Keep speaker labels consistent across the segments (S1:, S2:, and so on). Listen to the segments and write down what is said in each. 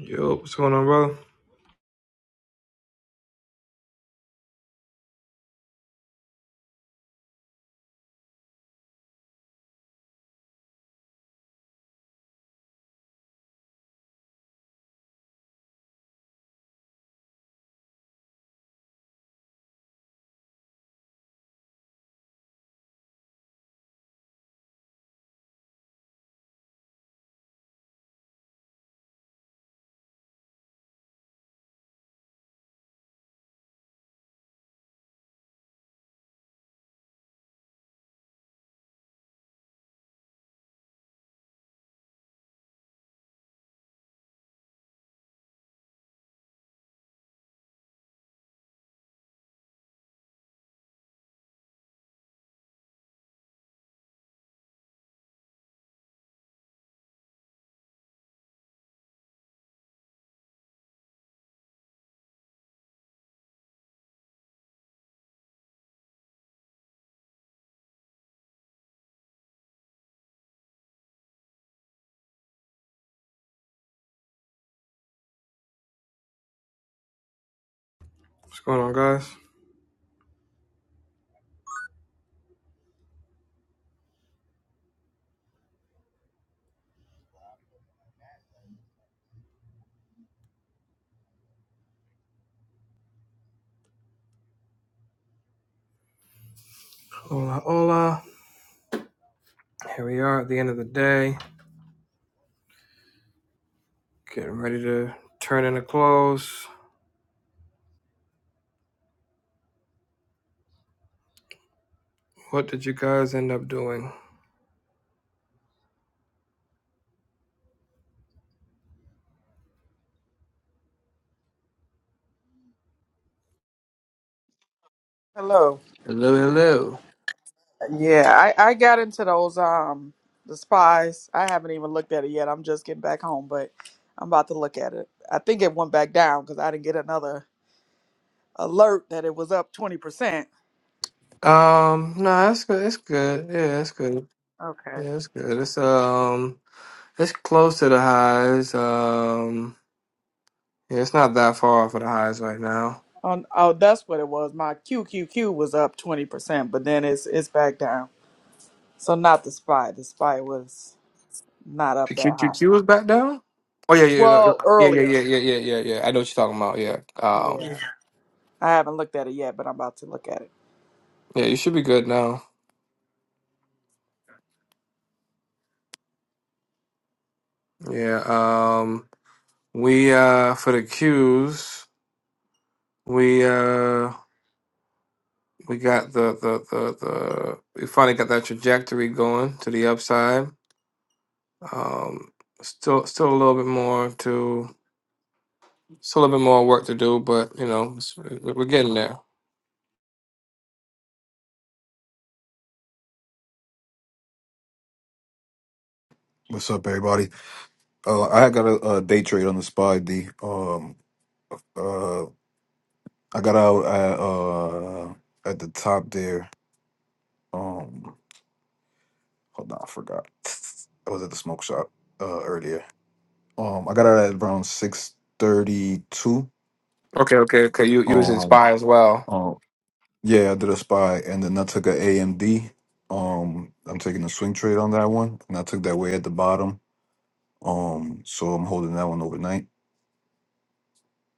S1: Yo, what's going on, brother? What's going on, guys? Hola, hola. Here we are at the end of the day, getting ready to turn in the close. What did you guys end up doing?
S2: Hello.
S1: Hello, hello.
S2: Yeah, I, I got into those um the spies. I haven't even looked at it yet. I'm just getting back home, but I'm about to look at it. I think it went back down because I didn't get another alert that it was up twenty percent.
S1: Um, no, that's good. It's good. Yeah, it's good.
S2: Okay.
S1: Yeah, it's good. It's um, it's close to the highs. Um, yeah, it's not that far off of the highs right now.
S2: On oh that's what it was. My Q Q Q was up twenty percent, but then it's it's back down. So not the spy. The spy was not up
S1: The
S2: that high.
S1: QQQ was back down. Oh yeah, yeah, no, no.
S2: Well,
S1: yeah, yeah, yeah,
S2: earlier.
S1: yeah, yeah, yeah, yeah. I know what you're talking about. Yeah. Um,
S2: Yeah. I haven't looked at it yet, but I'm about to look at it.
S1: yeah, you should be good now. Yeah. Um. We uh for the cues we uh we got the the the the we finally got that trajectory going to the upside. Um. Still still a little bit more to still a little bit more work to do, but you know it's- we- we're getting there.
S3: What's up, everybody? Uh, I got a, uh day trade on the spot. D. Um, uh, I got out at uh at the top there. Um, hold on, I forgot. I was at the smoke shop uh earlier. Um, I got out at around six thirty two.
S1: Okay. Okay. Okay. You you was
S3: Um,
S1: inspired as well.
S3: um, yeah, I did a spy, and then I took a AMD. Um, I'm taking a swing trade on that one, and I took that way at the bottom. Um, so I'm holding that one overnight.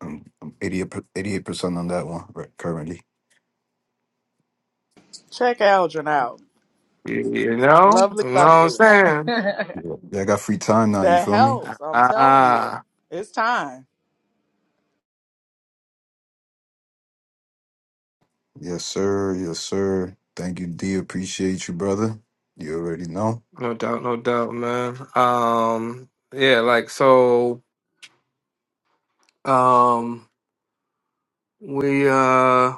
S3: I'm, I'm 88 percent on that one right currently.
S2: Check Aldrin out.
S1: You, you know.
S2: Lovely,
S1: You know what I'm
S2: lovely.
S1: saying?
S3: Yeah, I got free time now. You
S2: That
S3: feel me?
S2: helps. I'm telling you,
S1: Ah.
S2: it's time.
S3: Yes, sir. Yes, sir. Thank you, D. Appreciate you, brother. You already know.
S1: No doubt. No doubt, man. Um. Yeah. Like so. Um. We uh.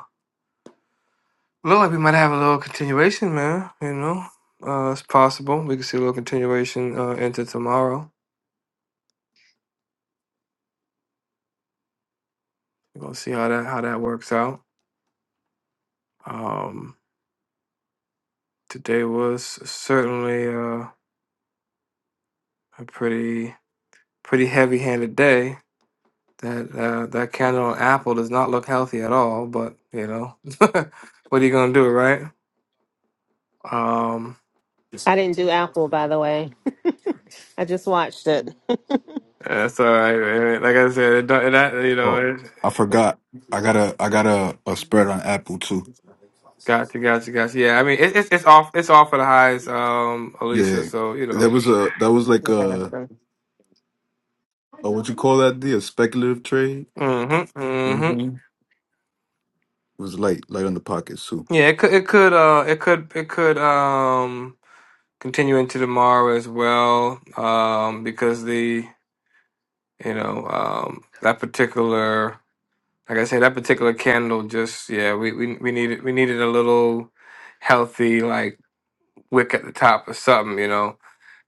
S1: Look like we might have a little continuation, man. You know, uh, it's possible we could see a little continuation uh, into tomorrow. We're gonna see how that how that works out. Um, today was certainly uh, a pretty pretty heavy handed day. That uh, that candle on apple does not look healthy at all. But you know, what are you gonna do, right? Um,
S4: I didn't do Apple, by the way. I just watched it.
S1: that's all right. man. Like I said, it, don't- that you
S3: Oh,
S1: know.
S3: I forgot. I got a I got a, a spread on Apple too.
S1: Gotcha, gotcha, gotcha. Yeah, I mean it, it's it's off it's off for the highs, um, Alicia.
S3: Yeah,
S1: So you
S3: that
S1: know,
S3: was a that was like a, a what you call that? D? A speculative trade.
S1: mm-hmm,
S3: You know what I
S1: mm-hmm.
S3: mean? It was light light on the pockets too.
S1: Yeah, it could it could uh it could it could um continue into tomorrow as well, um, because the you know um that particular like I said that particular candle just yeah we we we needed we needed a little healthy like wick at the top or something you know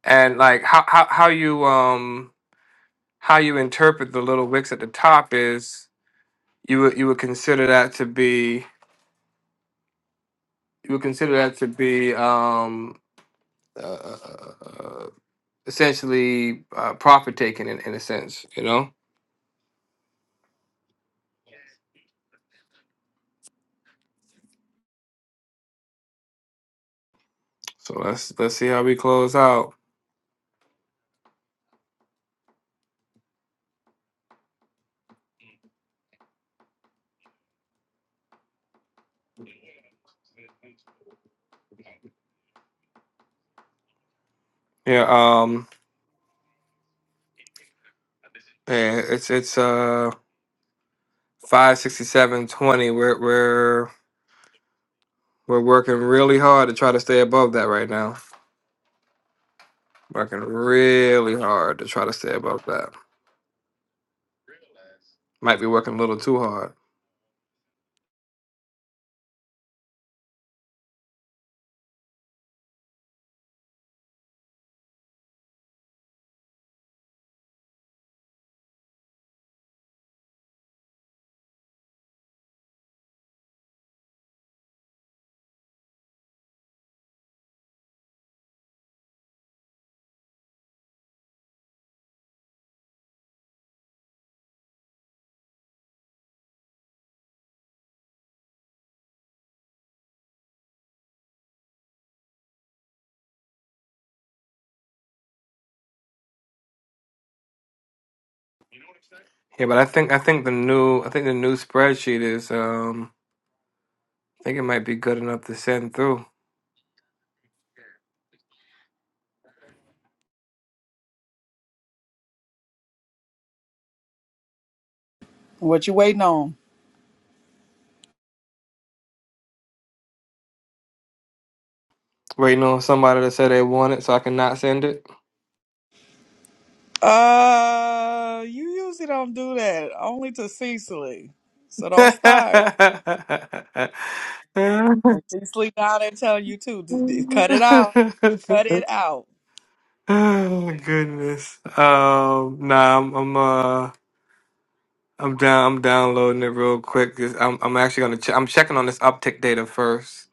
S1: and like how how how you um how you interpret the little wicks at the top is you would you would consider that to be you would consider that to be um uh, uh, uh, uh, essentially uh, profit taking in, in a sense you know so let's let's see how we close out yeah um yeah, it's it's uh 56720 we're we're we're working really hard to try to stay above that right now working really hard to try to stay above that might be working a little too hard yeah but i think i think the new i think the new spreadsheet is um think it might be good enough to send through.
S2: What you waiting on?
S1: Waiting on somebody to say they want it so I can not send it.
S2: Uh, you usually don't do that. Only to Cecily. So don't
S1: oh
S2: start. And Cecily down there telling you too. d- d- cut it out. Cut it out.
S1: goodness. Um nah I'm I'm uh I'm down I'm downloading it real quick. 'cause I'm I'm actually gonna check I'm checking on this uptick data first.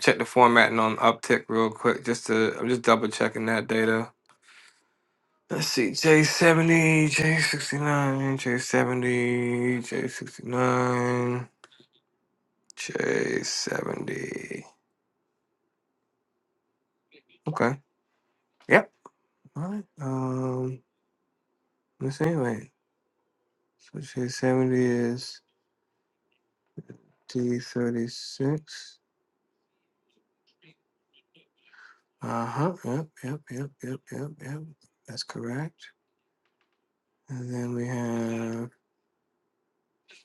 S1: Check the formatting on uptick real quick just to I'm just double checking that data. Let's see, J70, J69, J70, J69, J70. Okay. Yep. All right. Um, let's see. Wait. So J70 is D36. Uh huh. Yep. Yep. Yep. Yep. Yep. Yep. That's correct. And then we have.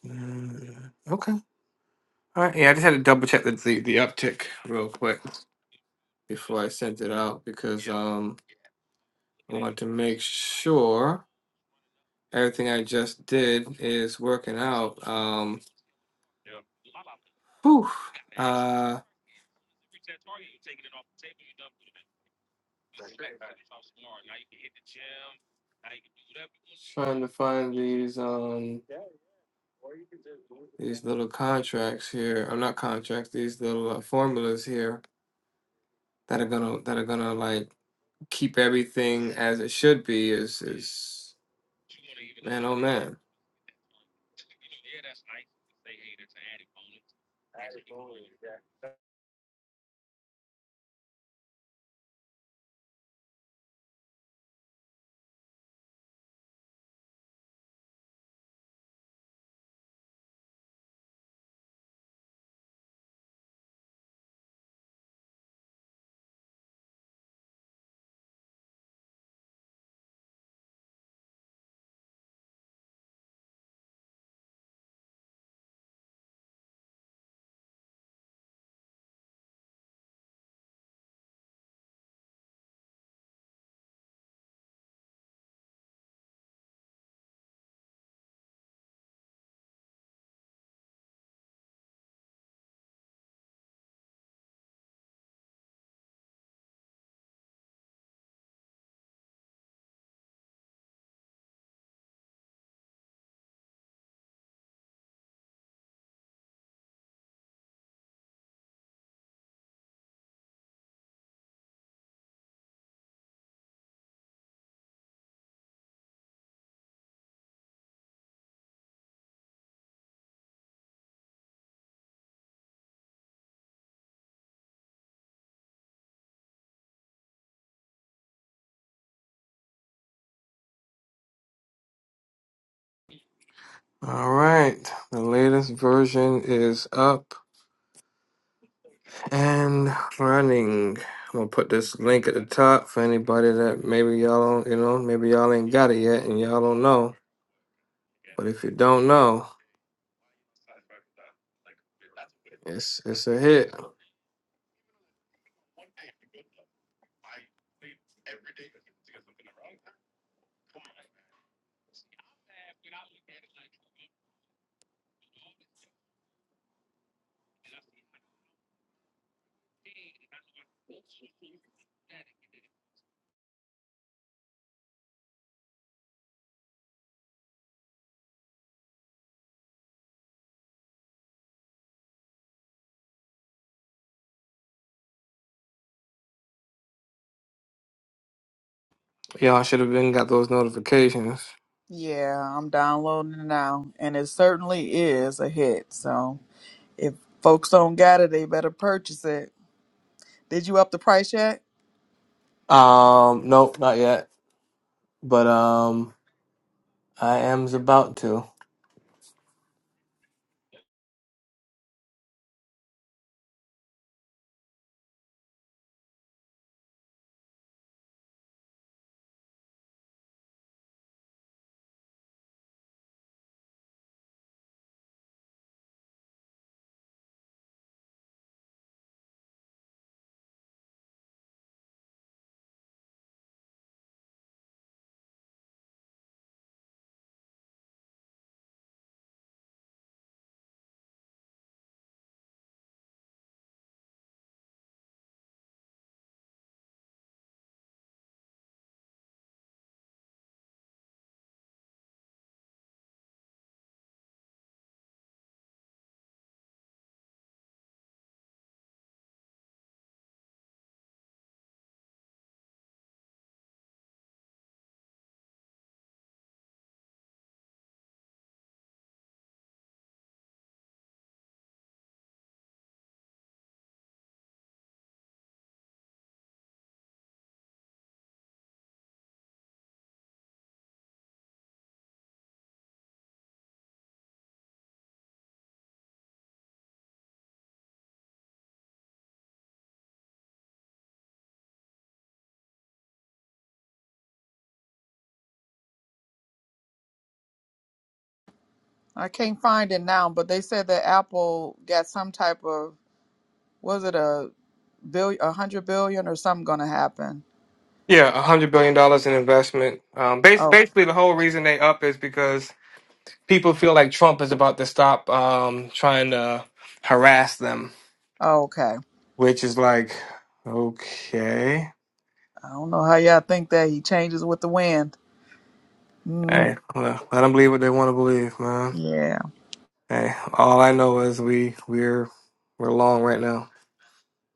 S1: Uh, okay. All right. Yeah, I just had to double check the, the the uptick real quick before I sent it out because Yeah. um. I want to make sure everything I just did is working out. Um, whew, uh, trying to find these um these little contracts here. I'm not contracts. These little uh, formulas here that are gonna that are gonna like keep everything as it should be. Is is man oh man. All right, the latest version is up. and running. I'm gonna put this link at the top for anybody that maybe y'all don't, you know, maybe y'all ain't got it yet and y'all don't know. But if you don't know, it's it's a hit. Y'all should have been got those notifications.
S2: Yeah, I'm downloading it now, and it certainly is a hit. So if folks don't got it, they better purchase it. Did you up the price yet?
S1: Um, nope, not yet. But um, I am's about to.
S2: I can't find it now, but they said that Apple got some type of was it a billion, a hundred billion, or something going to happen?
S1: Yeah, a hundred billion dollars in investment. Um, bas-
S2: Oh,
S1: basically the whole reason they up is because people feel like Trump is about to stop um trying to harass them
S2: oh, okay.
S1: which is like, okay,
S2: I don't know how y'all think that he changes with the wind. Mm,
S1: hey, let them believe what they want to believe, man.
S2: yeah.
S1: Hey, all I know is we we're we're long right now.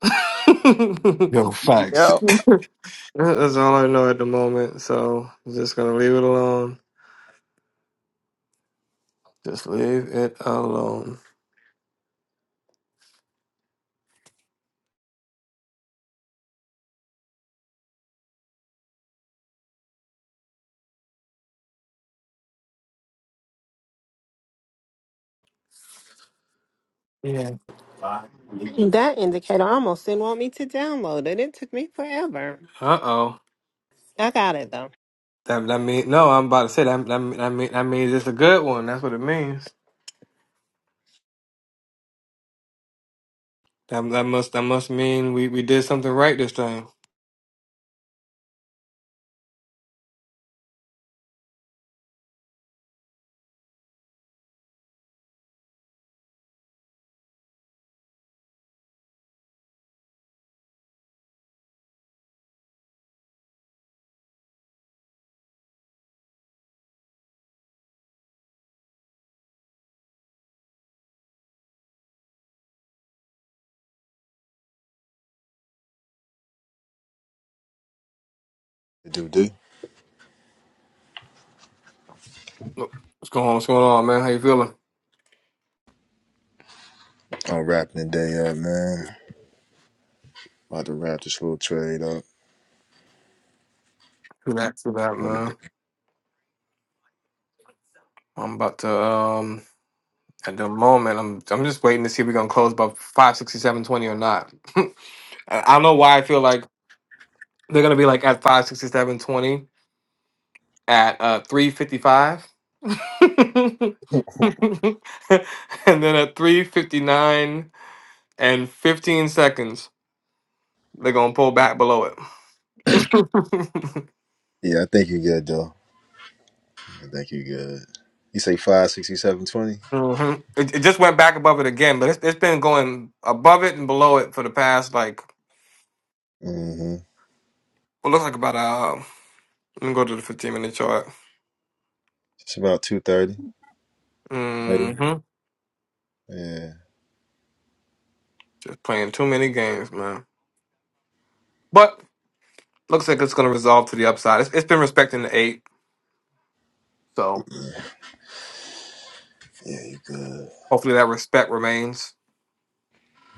S3: Yo, facts.
S2: Yep.
S1: That's all I know at the moment. So I'm just gonna leave it alone. Just leave it alone. Yeah.
S4: that indicator almost didn't want me to download it. It took me forever.
S1: Uh oh.
S4: I got it though.
S1: That that mean no. I'm about to say that that that mean that means it's a good one. That's what it means. That that must that must mean we we did something right this time.
S5: Do do.
S1: Look, What's going on? What's going on, man? How you feeling?
S5: I'm wrapping the day up, man. About to wrap this little trade up.
S1: Good after that,
S5: What it do?
S1: man. I'm about to um at the moment I'm I'm just waiting to see if we're gonna close by five sixty seven twenty or not. I I don't know why I feel like they're gonna be like at five sixty seven twenty at uh three fifty five. and then at three fifty nine and fifteen seconds, they're gonna pull back below it.
S5: Yeah, I think you good though. I think you good. You say five sixty seven twenty.
S1: hmm It, it just went back above it again, but it's, it's been going above it and below it for the past like
S5: Mm-hmm.
S1: what looks like about uh, Let me go to the 15 minute chart.
S5: It's about two thirty. Maybe.
S1: hmm
S5: Yeah.
S1: Just playing too many games, man. But looks like it's going to resolve to the upside. It's, it's been respecting the eight, so
S5: Yeah, you good.
S1: hopefully that respect remains.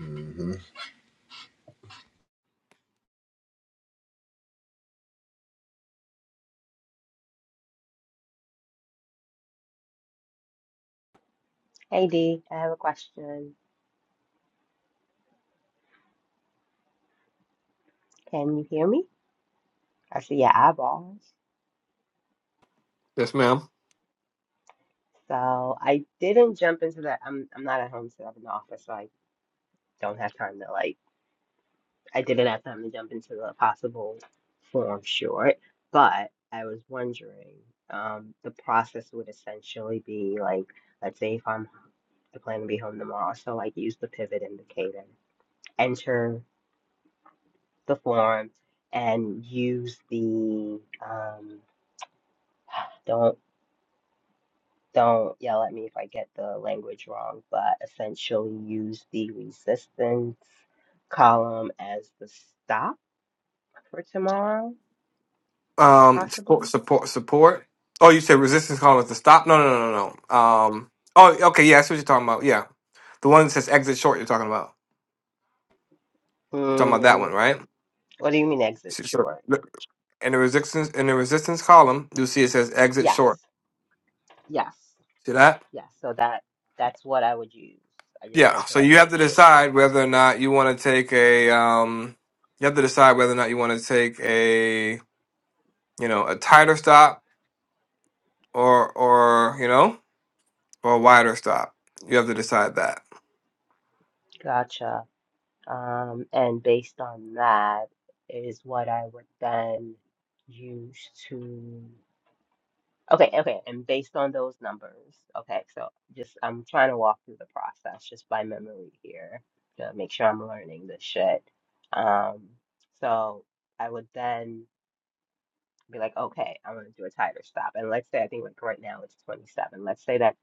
S5: Mm-hmm.
S6: Hey D, I have a question. Can you hear me? I see your eyeballs.
S1: Yes, ma'am.
S6: So I didn't jump into that. I'm I'm not at home, so I'm in the office, so I don't have time to like I didn't have time to jump into the possible form short, but I was wondering, um, the process would essentially be like, let's say if I'm I plan to be home tomorrow, so like use the pivot indicator, enter the form, and use the um, don't Don't yell at me if I get the language wrong, but essentially use the resistance column as the stop for tomorrow,
S1: Um, support,
S6: possibly.
S1: support, support. Oh, you said resistance calling is the stop? No, no, no, no, no. Um, oh, okay, yeah, that's what you're talking about. Yeah, the one that says exit short. You're talking about. You're talking about that
S6: Mm,
S1: one, right?
S6: what do you mean exit
S1: So so,
S6: short?
S1: look, in the resistance in the resistance column, you'll see it says exit short.
S6: Yes, yes,
S1: See that?
S6: yes. So that that's what I would use. I just
S1: Yeah,
S6: wanted to
S1: so
S6: like
S1: you have
S6: make
S1: to
S6: sure.
S1: decide whether or not you want to take a um you have to decide whether or not you want to take a you know a tighter stop or or you know or a wider stop. You have to decide that.
S6: Gotcha. Um, and based on that is what I would then use to. Okay, okay. And based on those numbers, okay, so just I'm trying to walk through the process just by memory here to make sure I'm learning this shit. Um, so I would then be like, okay, I'm gonna do a tighter stop. And let's say I think like right now it's 27. Let's say that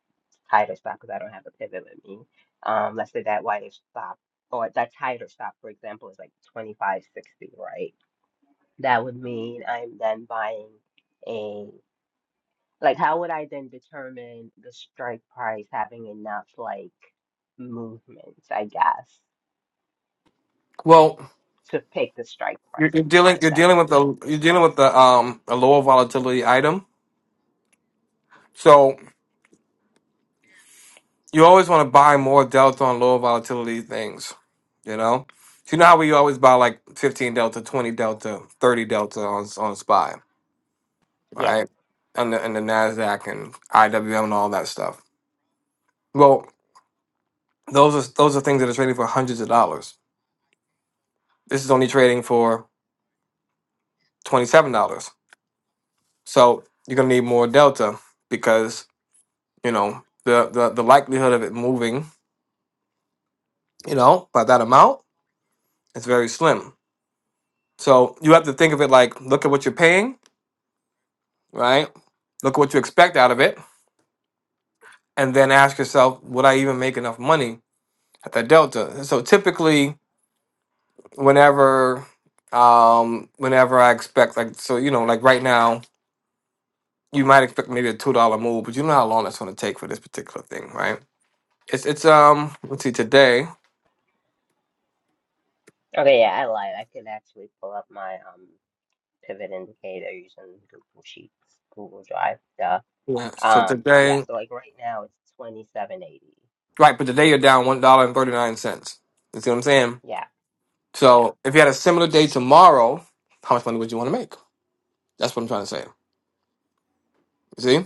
S6: tighter stop because I don't have a pivot with me. Um, let's say that wider stop or that tighter stop, for example, is like 25.60, right? That would mean I'm then buying a like, how would I then determine the strike price having enough like movements, I guess,
S1: Well,
S6: to pick the strike
S1: you're,
S6: price,
S1: you're dealing
S6: if
S1: you're
S6: that
S1: dealing
S6: makes
S1: with the
S6: sense?
S1: you're dealing with the um a lower volatility item. So you always want to buy more delta on lower volatility things, you know? So you know how we always buy like 15 delta, 20 delta, 30 delta on on SPY,
S6: Yeah.
S1: right? And the, and the Nasdaq and IWM and all that stuff. Well, those are those are things that are trading for hundreds of dollars. This is only trading for $27. So you're going to need more delta because, you know, the, the the likelihood of it moving, you know, by that amount is very slim So you have to think of it like look at what you're paying, right? Look at what you expect out of it, and then ask yourself, would I even make enough money at that delta? So typically, whenever, um, whenever I expect like so, you know, like right now, you might expect maybe a two dollar move, but you know how long that's going to take for this particular thing, right? It's it's um let's see today,
S6: Okay, yeah, I lied. I could actually pull up my um pivot indicator using Google Sheets, Google Drive, duh.
S1: yeah. So
S6: Um, yeah,
S1: today,
S6: so like right now it's 2780.
S1: right? But today you're down one dollar and thirty nine cents. You see what I'm saying?
S6: Yeah, yeah.
S1: So if you had a similar day tomorrow, how much money would you want to make? That's what I'm trying to say. You see?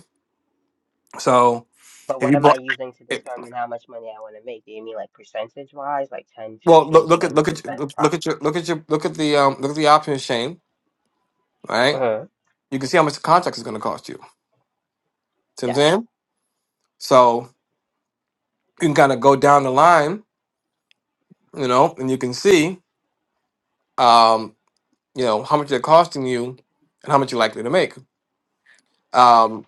S1: So
S6: But
S1: if
S6: what
S1: you
S6: am I
S1: bought,
S6: using to
S1: it,
S6: determine how much money I want to make? Do you mean like percentage wise, like ten,
S1: well, look,
S6: fifteen,
S1: look at
S6: twenty
S1: look at
S6: percent
S1: look
S6: profit?
S1: at your look at your look at the um look at the option Shane. Right?
S6: Mm-hmm.
S1: You can see how much the contract is going to cost you. See what I'm saying?
S6: Yes.
S1: So you can kind of go down the line, you know, and you can see, um, you know, how much they're costing you and how much you're likely to make. Um,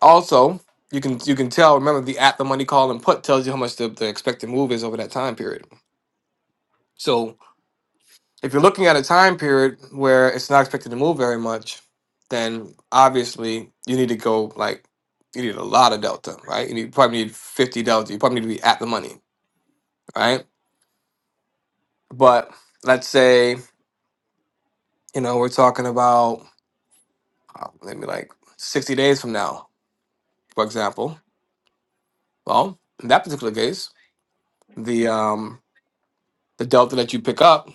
S1: also, you can you can tell. Remember, the at the money call and put tells you how much the, the expected move is over that time period. So if you're looking at a time period where it's not expected to move very much, then obviously you need to go like you need a lot of delta, right? You need, probably need 50 delta. You probably need to be at the money, right? But let's say you know we're talking about uh, maybe like 60 days from now, for example. Well, in that particular case, the um the delta that you pick up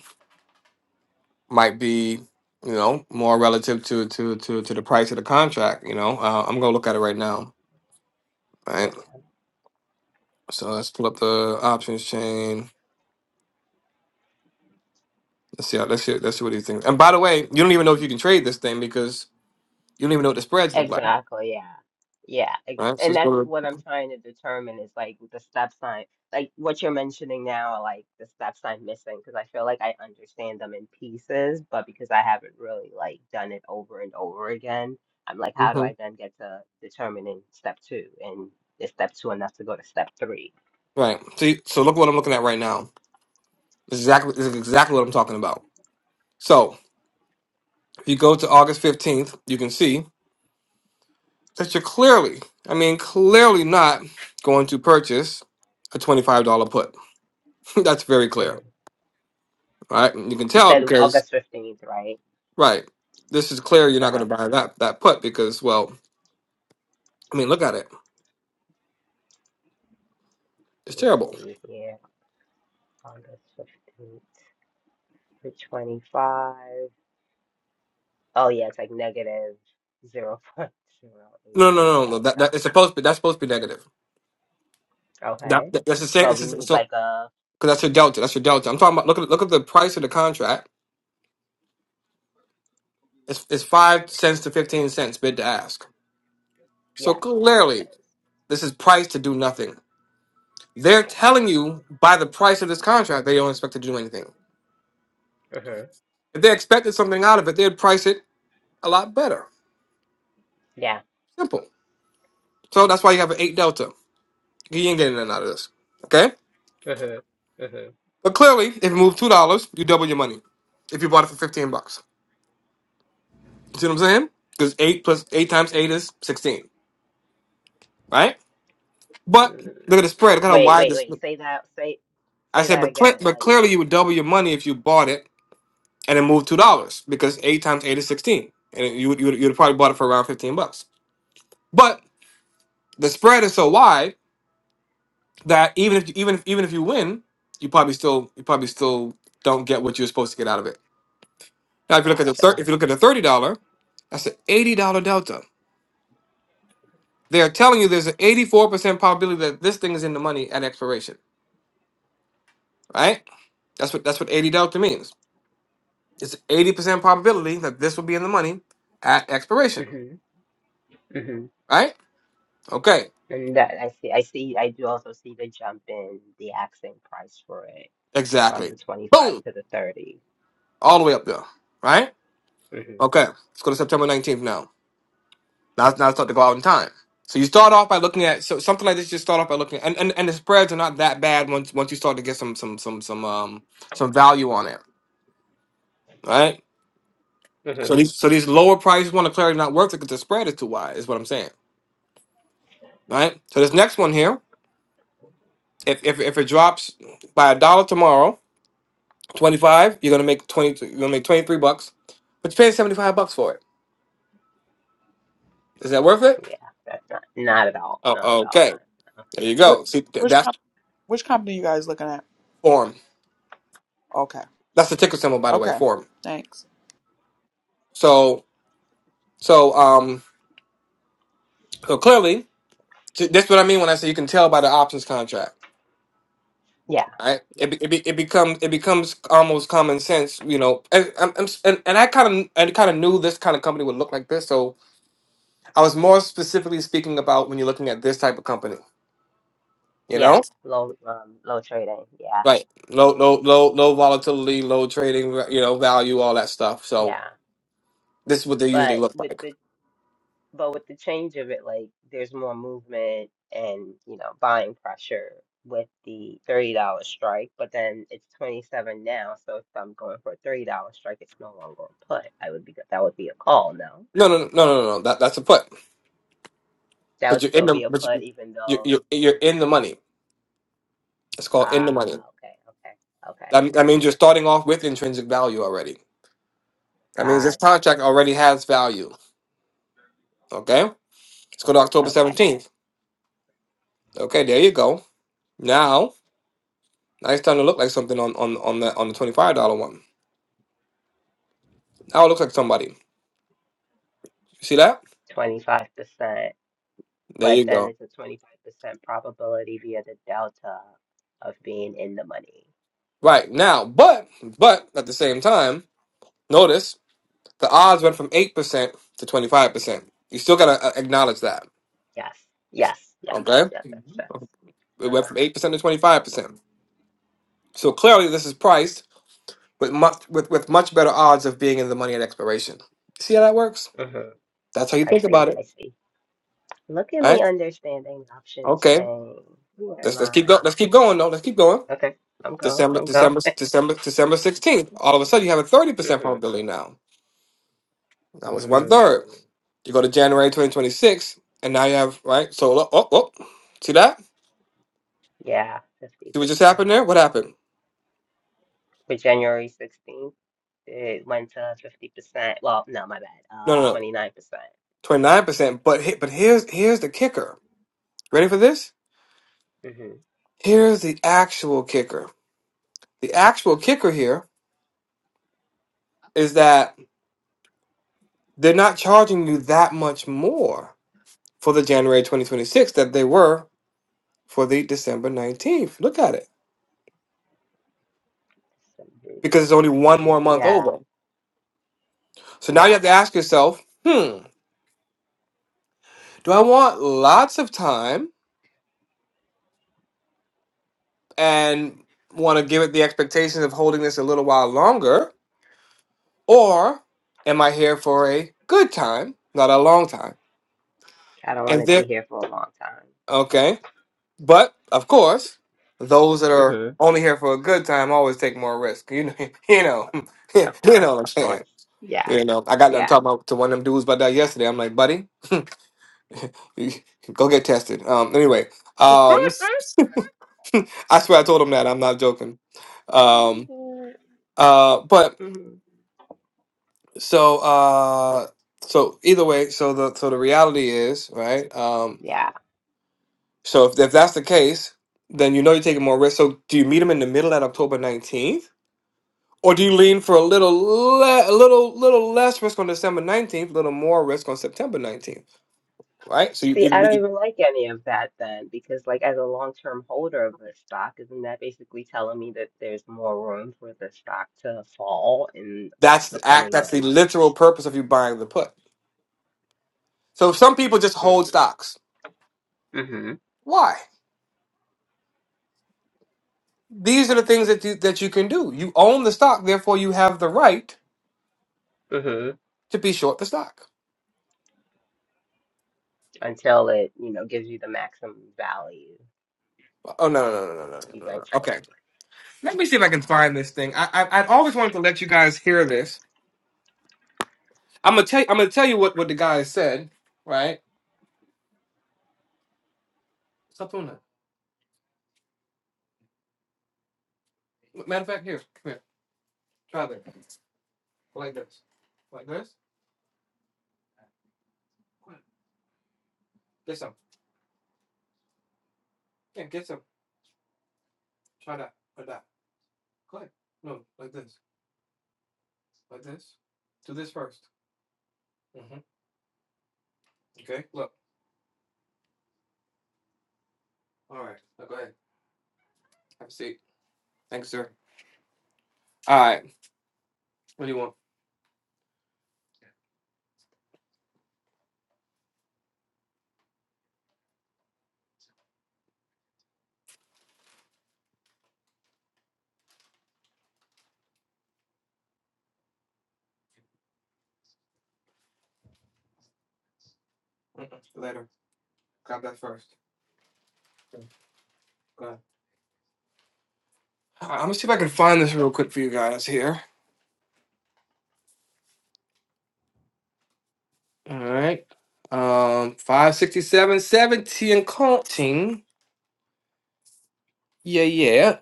S1: might be you know more relative to to to to the price of the contract. You know, uh, I'm gonna look at it right now, right? So let's pull up the options chain. Let's see how let's see, let's see what he thinks. And by the way, you don't even know if you can trade this thing because you don't even know what the spreads look like,
S6: Exactly, yeah. Yeah, ex-
S1: right? So
S6: and
S1: let's
S6: that's
S1: go to
S6: what I'm trying to determine is like with the stop sign, like what you're mentioning now, are, like the stop sign missing, because I feel like I understand them in pieces, but because I haven't really like done it over and over again, I'm like, how do
S1: hmm
S6: I then get to determining step two? And is step two enough to go to step 3
S1: right. See, so look what I'm looking at right now. This is exactly this is exactly what I'm talking about. So if you go to August 15th, you can see that you're clearly, I mean, clearly not going to purchase a $25 put. That's very
S6: hmm
S1: clear, right? And you can
S6: You
S1: tell
S6: said
S1: because
S6: August 15th, right?
S1: right, this is clear you're not
S6: Uh-huh.
S1: going to buy that that put because well, I mean, look at it It's
S6: Let's
S1: terrible.
S6: see here, August 15th to 25. Oh yeah, it's like negative
S1: No, no,
S6: 0.088
S1: no, no. no. That,
S6: delta.
S1: that it's supposed to be that's supposed to be negative. That,
S6: Okay.
S1: that- that's the same.
S6: But
S1: It's
S6: we
S1: just-
S6: need
S1: so
S6: like a,
S1: because that's your delta. That's your delta. I'm talking about. Look at look at the price of the contract. It's it's
S6: okay,
S1: five
S6: let's
S1: cents
S6: see
S1: to
S6: here.
S1: fifteen cents bid to ask. So
S6: Yes, yes it
S1: clearly,
S6: is.
S1: this is priced to do nothing. They're telling you by the price of this contract they don't
S6: Mm-hmm.
S1: expect to do anything.
S6: Mm-hmm.
S1: If they expected something out of it, they'd price it a lot better.
S6: Yeah.
S1: Simple. So that's why you have an eight delta. You ain't getting none out of this. Okay.
S6: Mm-hmm. Mm-hmm.
S1: But clearly, if you move two dollars, you double your money. If you bought it for fifteen bucks. You see what I'm saying? Because eight plus eight times eight is sixteen, right? But
S6: Mm.
S1: look at the spread. Look at how
S6: Wait,
S1: wide
S6: wait,
S1: this.
S6: wait. Say that, say
S1: I
S6: say
S1: said,
S6: that
S1: but cle-
S6: again.
S1: but
S6: Like
S1: clearly
S6: if,
S1: you would double your money if you bought it and it moved two dollars because eight times eight is sixteen, and it- you would- you would- you'd probably bought it for around fifteen bucks. But the spread is so wide that even if you, even if even if you win, you probably still you probably still don't get what you're supposed to get out of it. Now, if you look at the thir-
S6: gotcha.
S1: if you look at the thirty dollar, that's an eighty dollar delta. They are telling you there's an eighty four percent probability that this thing is in the money at expiration. right? That's what that's what 80 delta means. It's 80% probability that this will be in the money at expiration,
S6: Mm-hmm. Mm-hmm.
S1: right? Okay,
S6: And that I see I see I do also see the jump in the asking price for it from
S1: exactly.
S6: the 25
S1: Boom,
S6: to the 30.
S1: all the way up there, right?
S6: Mm-hmm.
S1: Okay, let's go to September 19th now. Now, now it's starting to go out in time. So you start off by looking at so something like this. You start off by looking at, and, and, and the spreads are not that bad once once you start to get some some some some um some value on it, right? So
S6: Mm-hmm.
S1: these so these lower prices one of clarity not worth it because the spread is too wide, is what I'm saying, right? So this next one here If if if it drops by a dollar tomorrow, twenty five, you're gonna make twenty. You're gonna make twenty three bucks, but you're paying seventy five bucks for it. Is that worth it?
S6: Yeah, that's not not at all. Not
S1: Oh,
S6: at all. Not
S1: okay. There you
S2: What,
S1: go. See, th-
S2: which
S1: that's
S2: com- which company you guys looking at?
S1: form.
S2: Okay,
S1: That's the ticker symbol, by the way.
S2: okay,
S1: Form.
S2: thanks.
S1: So so um so clearly, th- that's what I mean when I say you can tell by the options contract.
S6: Yeah,
S1: Right, it
S6: yeah,
S1: be, it, be, it becomes it becomes almost common sense, you know. And I'm, I'm, s- and, and I kind of I kind of knew this kind of company would look like this, so I was more specifically speaking about when you're looking at this type of company you
S6: yeah.
S1: know
S6: Low, um, low trading. Yeah,
S1: right low low low low volatility low trading you know value all that stuff so
S6: yeah.
S1: this is what they usually
S6: But
S1: look
S6: with
S1: like
S6: the but with the change of it, like there's more movement and you know buying pressure with the thirty dollar strike. But then it's twenty seven now, so if I'm going for a thirty dollar strike, it's no longer a put. I would be that would be a call. No,
S1: no no no no no no that, that's a put
S6: that
S1: but
S6: would
S1: you're in
S6: still
S1: the
S6: be a
S1: but
S6: put,
S1: you-
S6: even
S1: you're,
S6: though.
S1: you're you're in the money it's called in the
S6: Ah,
S1: money
S6: okay, okay, okay,
S1: that, that
S6: okay.
S1: means you're starting off with intrinsic value already that means this
S6: Gotcha.
S1: contract already has value okay let's go to october
S6: Okay,
S1: 17th okay there you go now now it's starting to look like something on on on the on the $25 one now it looks like somebody you see that
S6: 25%.
S1: there
S6: but
S1: you
S6: then
S1: go
S6: it's a 25% probability via the delta of being in the money.
S1: Right now, but but at the same time, notice the odds went from eight percent to twenty five percent. You still gotta uh, acknowledge that,
S6: Yes, yes, yes,
S1: okay?
S6: yes, that's sense.
S1: It went from
S6: Uh-huh.
S1: eight percent to twenty five percent. So clearly, this is priced with much with with much better odds of being in the money at expiration. See how that works?
S6: hmm
S1: That's how you
S6: I
S1: think
S6: see,
S1: about it,
S6: I see. Look at
S1: all
S6: me
S1: right?
S6: understanding options
S1: Okay,
S6: chain. Who am
S1: let's let's keep
S6: I?
S1: going. Let's keep going though. Let's keep going.
S6: Okay, I'm going,
S1: December
S6: I'm going.
S1: December December December sixteenth. All of a sudden, you have a thirty percent
S6: Mm-hmm.
S1: probability now. That was one
S6: Mm.
S1: third. You go to January 2026, and now you have, right? So, oh, oh, oh. see that?
S6: Yeah, 50%.
S1: See what just happened there? What happened?
S6: But January 16th, it went to 50%. Well, no, my bad.
S1: No, no,
S6: Uh,
S1: no.
S6: 29%.
S1: 29%. But, he- but here's, here's the kicker. Ready for this?
S6: Mm-hmm.
S1: Here's the actual kicker. The actual kicker here is that they're not charging you that much more for the January 2026 that they were for the December 19th. Look at it.
S6: December
S1: Because it's only one
S6: nineteenth.
S1: more month
S6: Yeah,
S1: over. So now you
S6: yeah.
S1: have to ask yourself, hmm, do I want lots of time? and want to give it the expectations of holding this a little while longer, or am I here for a good time, not a long time?
S6: I don't want
S1: And
S6: to be
S1: there,
S6: here for a long time.
S1: okay, but of course, those that are
S6: Mm-hmm.
S1: only here for a good time always take more risk. You know, you know,
S6: Of
S1: you
S6: course,
S1: know what I'm
S6: of
S1: saying.
S6: course. Yeah,
S1: You know, I got done
S6: yeah.
S1: talking about, to one of them dudes about that yesterday. I'm like, buddy, you- go get tested. Um, anyway, um, I swear I told him that. I'm not joking. Um, uh, but
S6: hmm
S1: so uh so either way so the so the reality is right um
S6: Yeah.
S1: so if, if that's the case then you know you're taking more risk so do you meet him in the middle at october 19th or do you lean for a little le- a little little less risk on december 19th a little more risk on september 19th right so you
S6: See, I don't even like any of that then, because like as a long-term holder of the stock, isn't that basically telling me that there's more room for the stock to fall in
S1: that's
S6: the
S1: the act
S6: coming
S1: that's the
S6: months?
S1: literal purpose of you buying the put so some people just hold
S6: Mm-hmm.
S1: stocks why these are the things that you that you can do you own the stock therefore you have the right
S6: Mm-hmm.
S1: to be short the stock
S6: Until it, you know, gives you the maximum value
S1: Oh no no no no no no no. no. Okay,
S6: eventually.
S1: let me see if I can find this thing. I, I I've always wanted to let you guys hear this. I'm gonna tell you, I'm gonna tell you what what the guy said. Right? Stop doing that. Matter of fact, here, come here. Try this. Like this. Like this. Go ahead. Get some. Yeah, get some. Try that. Or that. Go ahead. No, like this. Like this. Do this 1st Mm-hmm. Okay. Look. All right. Now go ahead. Have a seat. Thanks, sir. All right. What do you want? Mm-mm. Later. Grab that first. Okay. Go ahead. All right, I'm gonna see if I can find this real quick for you guys here. All right. Um, five sixty seven seventy and counting. Yeah, yeah.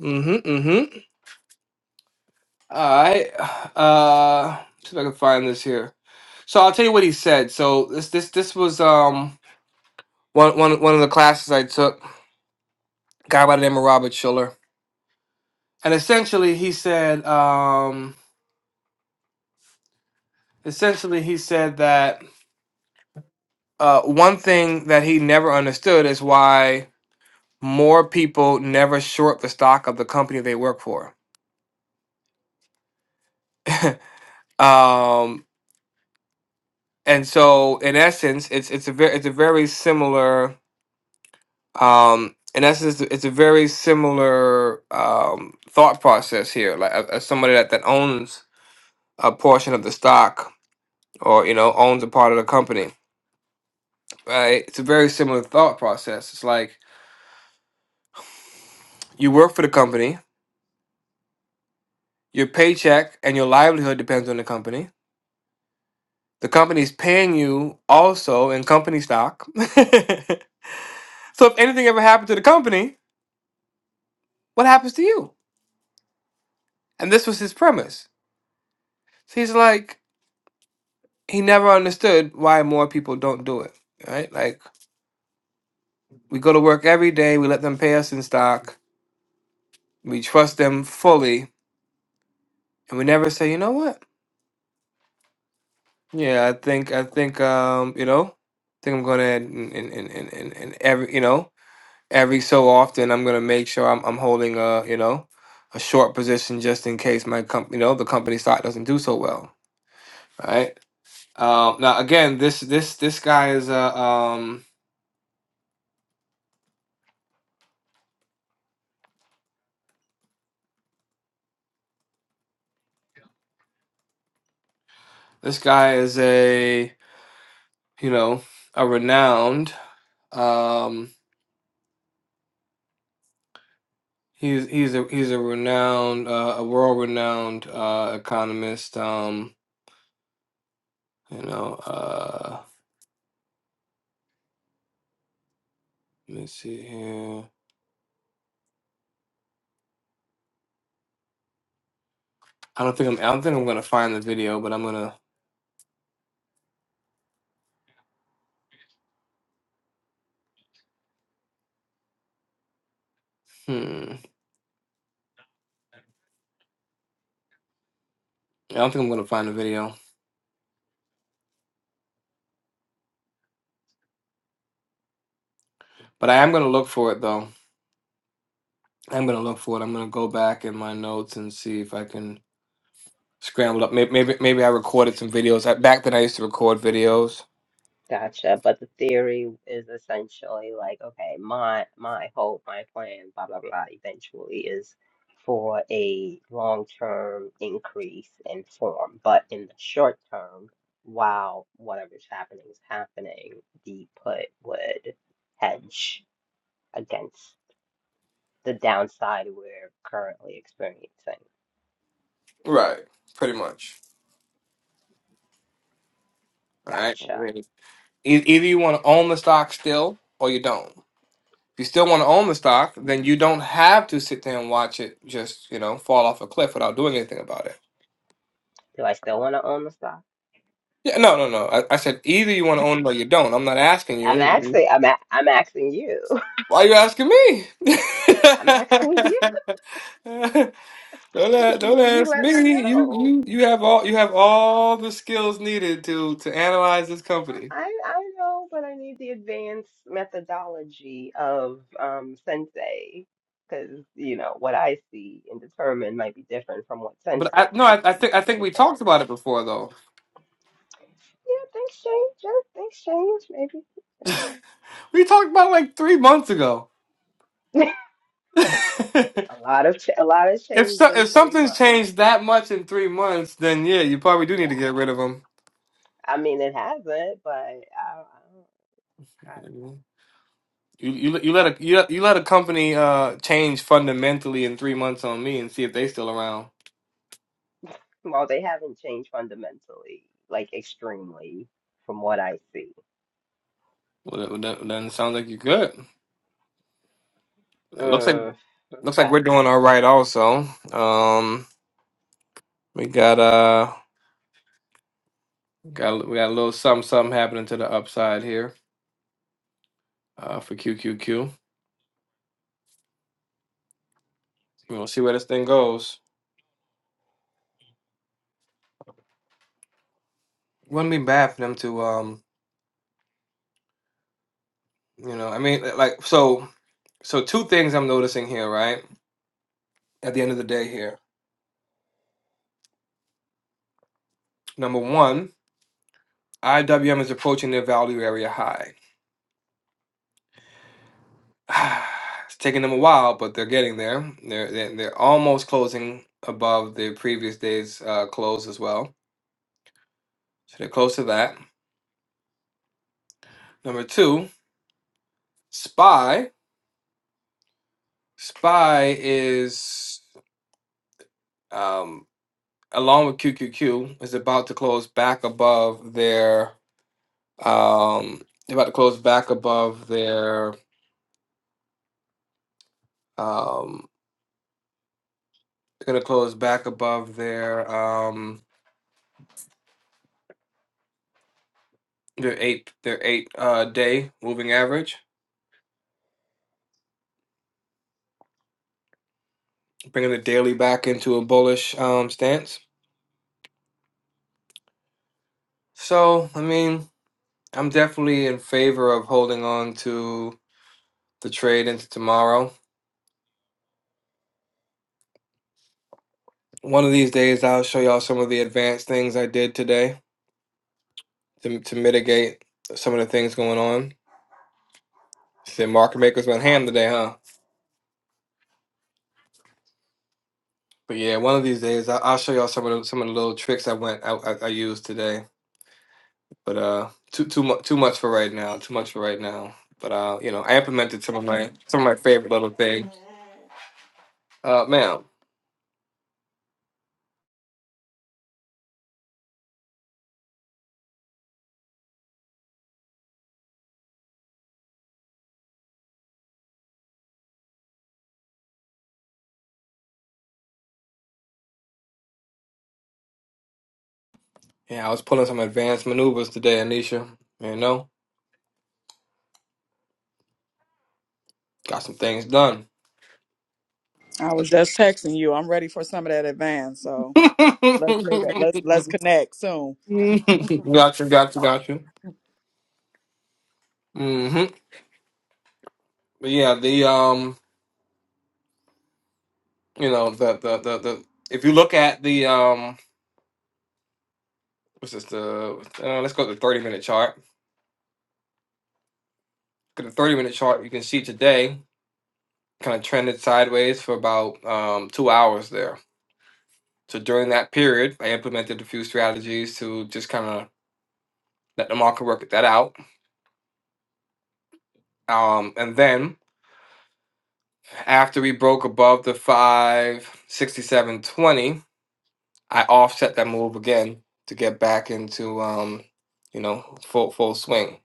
S1: Mm-hmm, mm-hmm. All right. Uh, see if I can find this here. So I'll tell you what he said. So this this this was um one one one of the classes I took. Guy by the name of Robert Schiller, and essentially he said um essentially he said that uh one thing that he never understood is why more people never short the stock of the company they work for. um, and so, in essence, it's it's a very it's a very similar. Um, in essence, it's a very similar um, thought process here. Like as, as somebody that, that owns a portion of the stock, or you know, owns a part of the company. Right? It's a very similar thought process. It's like you work for the company. Your paycheck and your livelihood depends on the company The company's paying you also in company stock. so if anything ever happened to the company, what happens to you? And this was his premise. So he's like, he never understood why more people don't do it, right? Like, we go to work every day, we let them pay us in stock, we trust them fully, and we never say, you know what? Yeah, I think, I think, um, you know, I think I'm gonna, and, and, and, and, and every, you know, every so often I'm gonna make sure I'm I'm holding a you know a short position just in case my comp you know the company stock doesn't do so well. Right um, now again this this this guy is a um, this guy is a you know a renowned um, he's he's a he's a renowned uh, a world renowned uh, economist um, you know uh, let me see here I don't think I'm I don't think I'm gonna find the video but I'm gonna hmm. I don't think I'm gonna find the video, but I am gonna look for it though. I'm gonna look for it. I'm gonna go back in my notes and see if I can scramble up. Maybe maybe, maybe I recorded some videos I, back then. I used to record videos.
S6: Gotcha. But the theory is essentially like, okay, my my hope, my plan, blah blah blah, eventually is for a long-term increase in form. But in the short term, while whatever's happening is happening, the put would hedge against the downside we're currently experiencing.
S1: Right, pretty much. All right. I
S6: Gotcha.
S1: mean, e- either you want to own the stock still, or you don't. If you still want to own the stock, then you don't have to sit there and watch it just you know fall off a cliff without doing anything about it.
S6: Do I still want to own the stock?
S1: Yeah, no, no, no. I, I said either you want to own it or you don't. I'm not asking
S6: I'm
S1: you.
S6: actually, I'm a, I'm asking you.
S1: Why you asking me?
S6: I'm asking you.
S1: don't, a- don't
S6: You
S1: ask
S6: let me
S1: me. You
S6: know.
S1: you you have all you have all the skills needed to to analyze this company.
S6: I I know, but I need the advanced methodology of um sensei because you know what I see and determine might be different from what
S1: But I
S6: sensei
S1: no,
S6: sees
S1: I, I think I
S6: and
S1: think we talked
S6: determines.
S1: about it before though.
S6: Yeah, things change. Yeah, things change. Maybe
S1: We talked about it like three months ago.
S6: yeah.
S1: if
S6: a lot of ch a lot has changed
S1: so,
S6: in
S1: if
S6: three
S1: something's
S6: months.
S1: changed that much in three months, then yeah, you probably do need to
S6: Yeah,
S1: get rid of them.
S6: I mean it hasn't, but I, I don't. I don't
S1: You you, you let a you, let-
S6: know.
S1: you let a company uh change fundamentally in three months on me and see if they still around.
S6: Well, they haven't changed fundamentally, like extremely, from what I see.
S1: Well, that, that, doesn't sound like you're good. It looks like
S6: Mm,
S1: looks like
S6: okay.
S1: we're doing all right. Also, um, we got uh got we got a little something something happening to the upside here uh for QQQ. We'll see where this thing goes. Wouldn't be bad for them to um you know I mean uh, like so so two things I'm noticing here right at the end of the day here. Number one, IWM is approaching their value area high. it's taking them a while, but they're getting there. They're they're, they're almost closing above the previous day's uh, close as well. So they're close to that. Number two, Spy. Spy is um, along with QQQ is about to close back above their um, they're about to close back above their um, they're gonna close back above their um, their eight their eight uh, day moving average. bringing the daily back into a bullish um, stance. So, I mean, I'm definitely in favor of holding on to the trade into tomorrow. One of these days, I'll show y'all some of the advanced things I did today to, to mitigate some of the things going on. The market makers went ham today, huh? But yeah, one of these days, I, I'll show y'all some of the, some of the little tricks I went I, I, I used today. But uh, too too much too much for right now. Too much for right now. But uh, you know, I implemented some of my some of my favorite little things. Uh, ma'am. Yeah, I was pulling some advanced maneuvers today, Anisha. You know, got some things done.
S2: I was just texting you. I'm ready for some of that advance, so
S1: gotcha,
S2: let's make it. Let's let's connect soon.
S1: gotcha, gotcha.
S2: Mm.
S1: hmm But yeah, the um, you know, the, the the the if you look at the um, what's this? The uh, let's go to the thirty minute chart. Look at the thirty minute chart. You can see today kind of trended sideways for about um two hours there. So during that period, I implemented a few strategies to just kind of let the market work that out. Um, and then After we broke above the 567.20, I offset that move again to get back into um, you know, full full swing.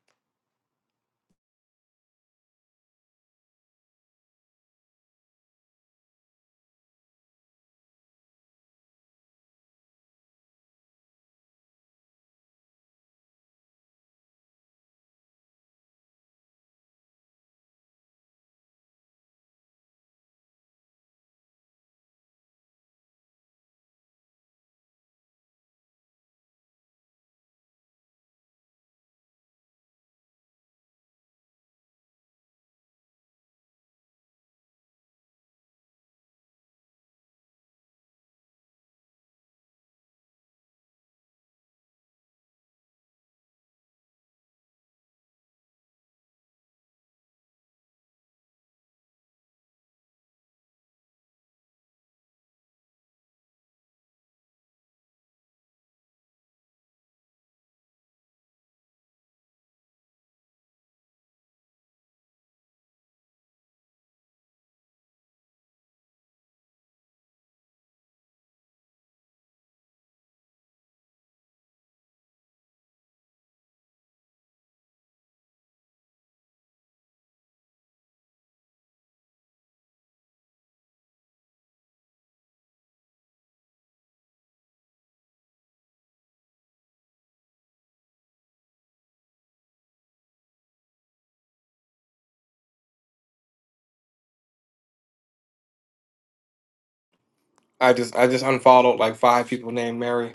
S1: I just I just unfollowed like five people named Mary.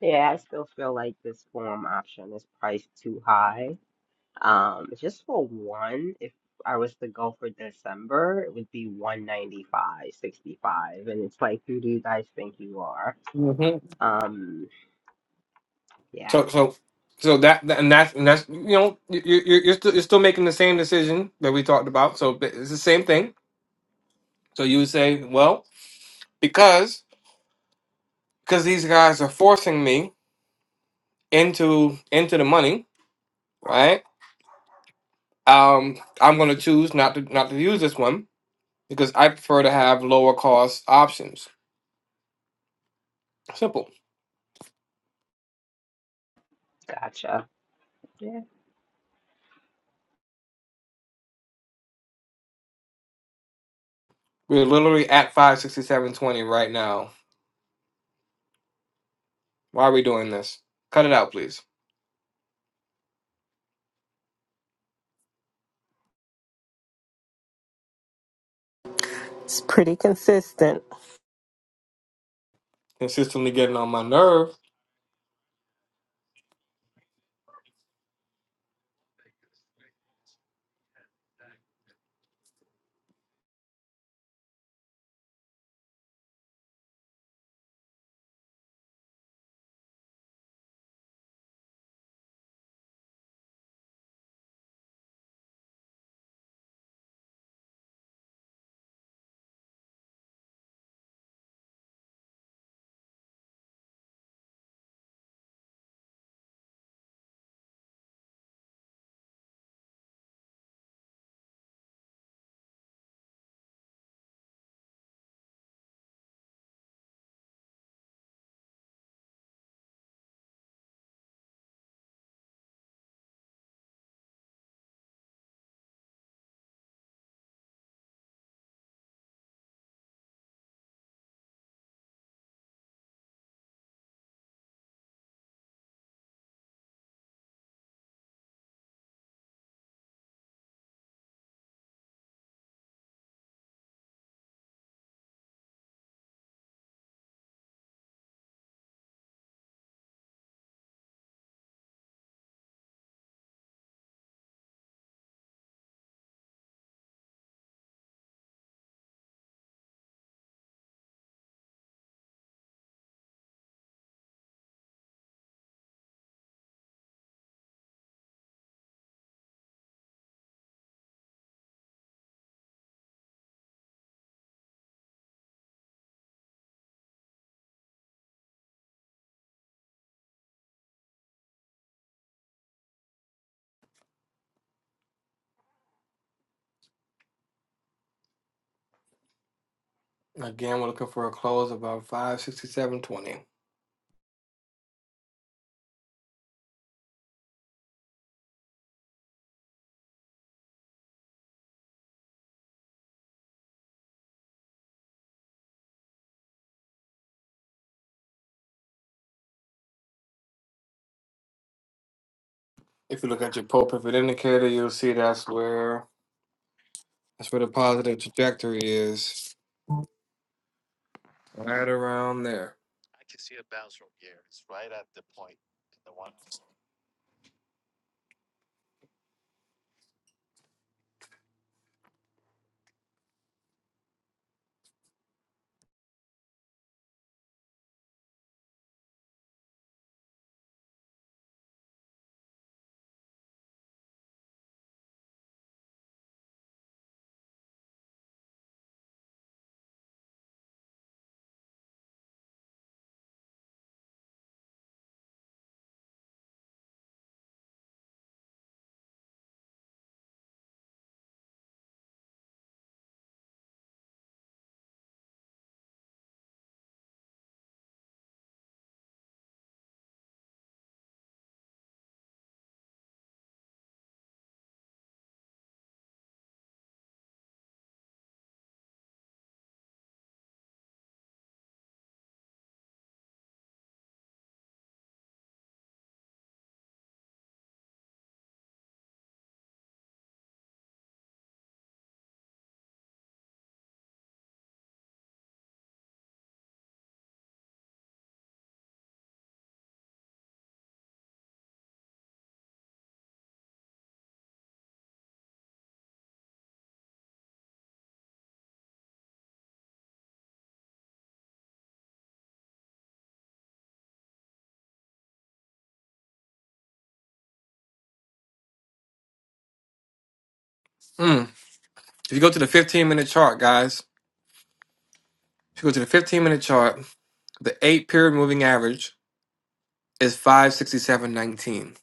S6: Yeah, I still feel like this form option is priced too high. Um, just for one, if I was to go for December, it would be one ninety five sixty five. and it's like, who do you guys think you are?
S1: hmm
S6: Um, yeah,
S1: So so so that that- and that's and that's you know you you- you're still you're still making the same decision that we talked about. So but it's the same thing. So you would say, well, because because these guys are forcing me into into the money, right? Um, I'm going to choose not to not to use this one because I prefer to have lower cost options. Simple.
S6: gotcha.
S1: We're literally at 567.20 right now. Why are we doing this? Cut it out, please.
S4: It's pretty consistent.
S1: Consistently getting on my nerve. Again, we're looking for a close about 567.20. If you look at your pull pivot indicator, you'll see that's where that's where the positive trajectory is. Right around there. Mm. If you go to the 15 minute chart, guys, If you go to the 15 minute chart, the eight period moving average is 567.19.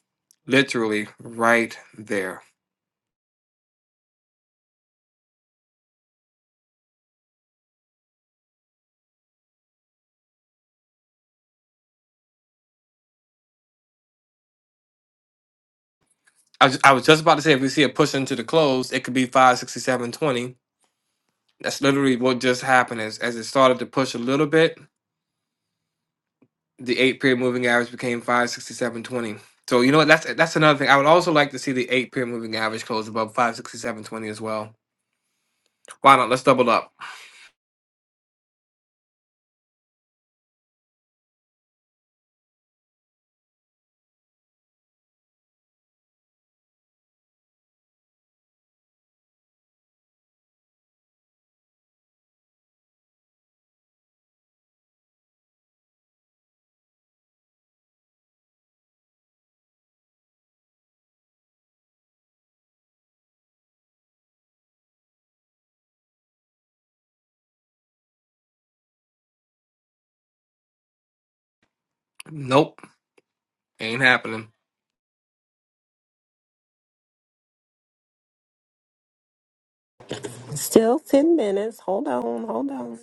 S1: Literally right there. I, was- I was just about to say if we see a push into the close, it could be 567.20. That's literally what just happened is as it started to push a little bit, the eight period moving average became 567.20. So you know what? That's that's another thing. I would also like to see the eight period moving average close above 567.20 as well. Why not? Let's double up. Nope. Ain't happening.
S4: Still 10 minutes. Hold on, hold on.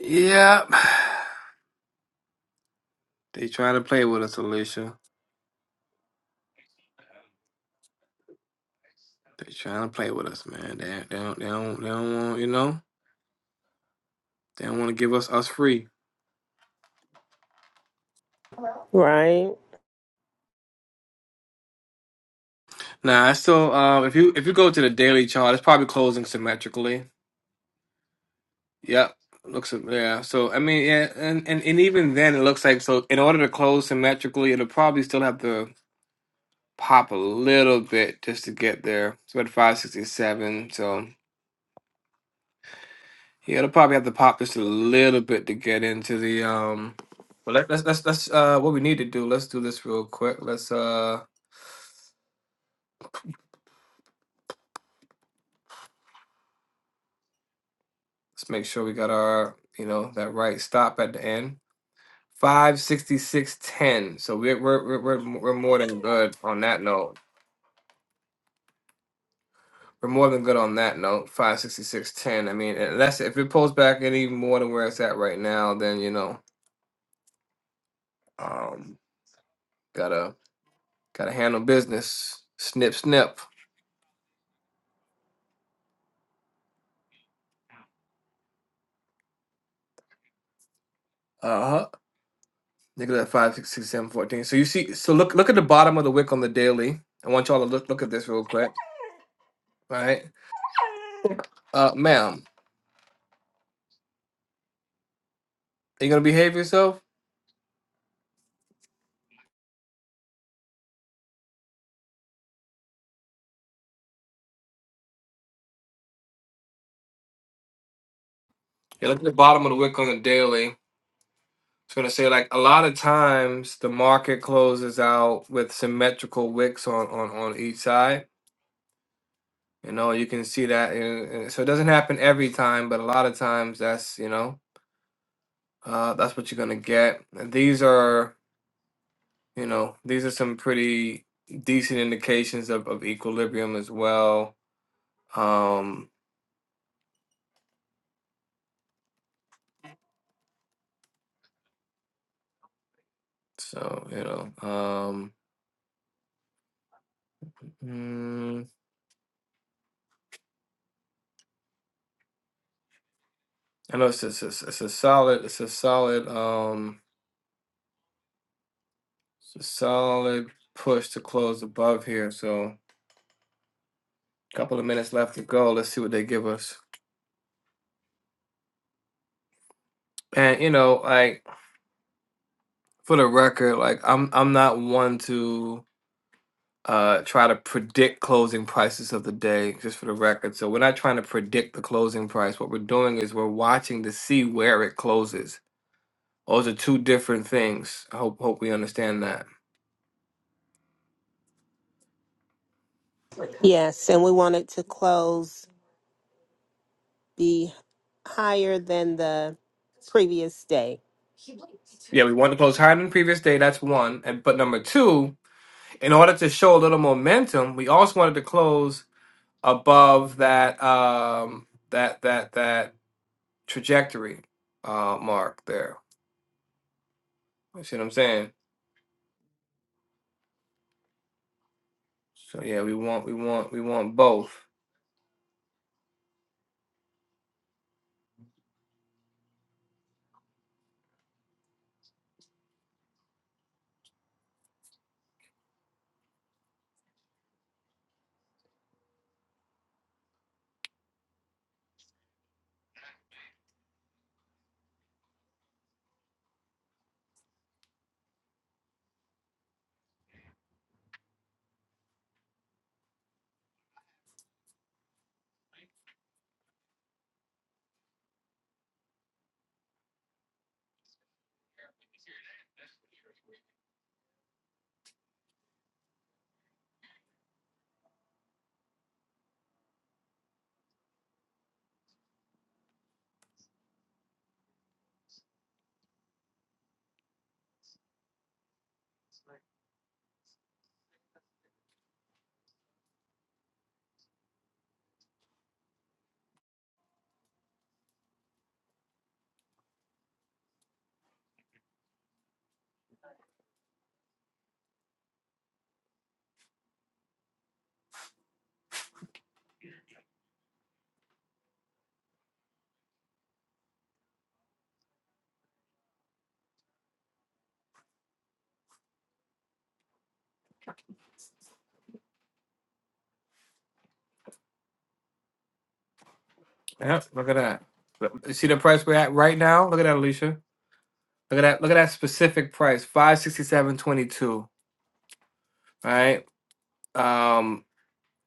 S1: Yeah, They trying to play with us, Alicia. They trying to play with us, man. They, they don't, they don't, they don't want, you know, they don't want to give us us free.
S4: Right.
S1: Nah, I still, uh, if you if you go to the daily chart, it's probably closing symmetrically. Yep, looks, yeah. So I mean, yeah, and and and even then, it looks like so. In order to close symmetrically, it'll probably still have to pop a little bit just to get there. It's about five sixty seven. So. Yeah, it'll probably have to pop this a little bit to get into the um. Well, let, let's let's let's uh, what we need to do. Let's do this real quick. Let's uh, let's make sure we got our you know that right stop at the end. Five sixty six ten. So we're we're we're we're we're more than good on that note. We're more than good on that note. Five sixty six ten. I mean, unless if it pulls back any more than where it's at right now, then you know, um, gotta gotta handle business. Snip snip. Uh huh. Look at five, six, six, seven, fourteen. So you see, so look, look at the bottom of the wick on the daily. I want y'all to look, look at this real quick. All right, uh, ma'am, are you gonna behave yourself? Yeah, look at the bottom of the wick on the daily. It's gonna say like a lot of times the market closes out with symmetrical wicks on on on each side. You know, you can see that. in- in- so it doesn't happen every time, but a lot of times that's you know, uh, that's what you're gonna get. And these are You know, these are some pretty decent indications of, of equilibrium as well. Um, so you know, um, mm, I know it's it's, it's it's a solid, it's a solid, um, it's a solid push to close above here. So a couple of minutes left to go. Let's see what they give us. And you know, like for the record, like I'm I'm not one to uh try to predict closing prices of the day just for the record so we're not trying to predict the closing price what we're doing is we're watching to see where it closes those are two different things i hope hope we understand that
S4: Yes, and we want it to close be higher than the previous day.
S1: yeah we want to close higher than the previous day that's one and but number two in order to show a little momentum we also wanted to close above that um that that that trajectory uh mark there you see what i'm saying so yeah we want we want we want both Yep, look at that. You see the price we're at right now? Look at that, Alicia. Look at that. Look at that specific price, five sixty seven twenty two. All right. Um,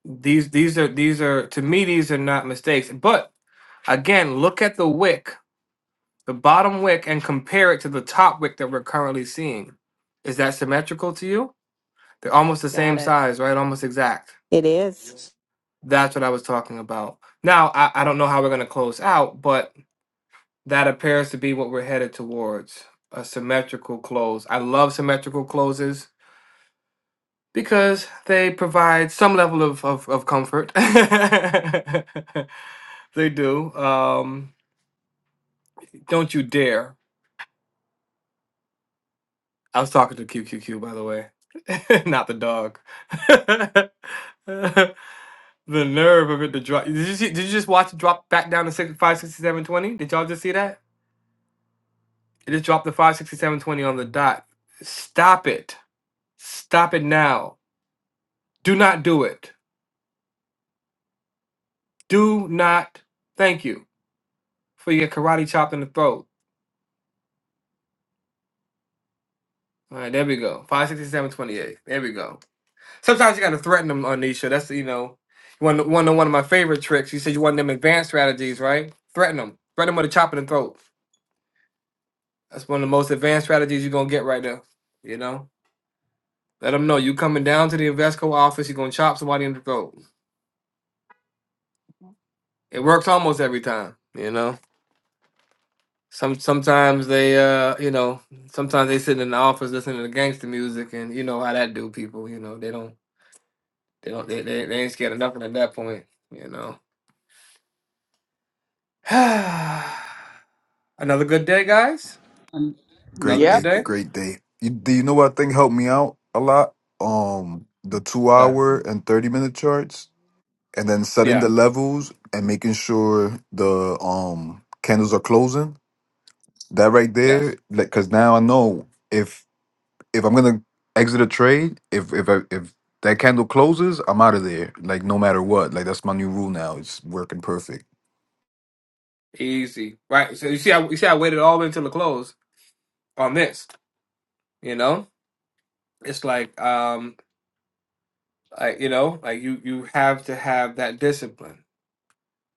S1: these these are these are to me these are not mistakes. But again, look at the wick, the bottom wick, and compare it to the top wick that we're currently seeing. Is that symmetrical to you? They're almost the
S4: Got
S1: same
S4: it.
S1: size, right? Almost exact.
S4: It is.
S1: That's what I was talking about. Now I, I don't know how we're gonna close out, but That appears to be what we're headed towards a symmetrical close. I love symmetrical closes because they provide some level of, of, of comfort. they do. Um, don't you dare. I was talking to QQQ, by the way, not the dog. the nerve of it to drop. Did you, see, did you just watch it drop back down to six- 56720? Did y'all just see that? It just dropped the 56720 on the dot. Stop it. Stop it now. Do not do it. Do not thank you for your karate chop in the throat. All right, there we go. Five, sixty, seven, twenty-eight. There we go. Sometimes you got to threaten them, Anisha. That's, you know, one of- one of one of my favorite tricks. You said you want them advanced strategies, right? Threaten them. Threaten them with a chop in the throat. That's one of the most advanced strategies you're going to get right now. You know? Let them know you coming down to the Investco office, you're going to chop somebody in the throat. It works almost every time, you know? Some sometimes they uh you know sometimes they sitting in the office listening to gangster music and you know how that do people you know they don't they don't they, they, they ain't scared of nothing at that point you know another good day guys
S2: Um,
S1: another
S3: great
S2: yep.
S1: good
S3: day,
S1: day
S3: great day. You, do you know what I think helped me out a lot? Um, the two
S1: yeah
S3: hour and thirty minute charts. and then setting
S1: yeah
S3: the levels and making sure the um candles are closing that right there
S1: yes
S3: like because now i know if if i'm gonna exit a trade if if I, if that candle closes i'm out of there like no matter what like that's my new rule now it's working perfect
S1: easy right so you see I you see I waited all the way until the close on this you know it's like um like you know like you you have to have that discipline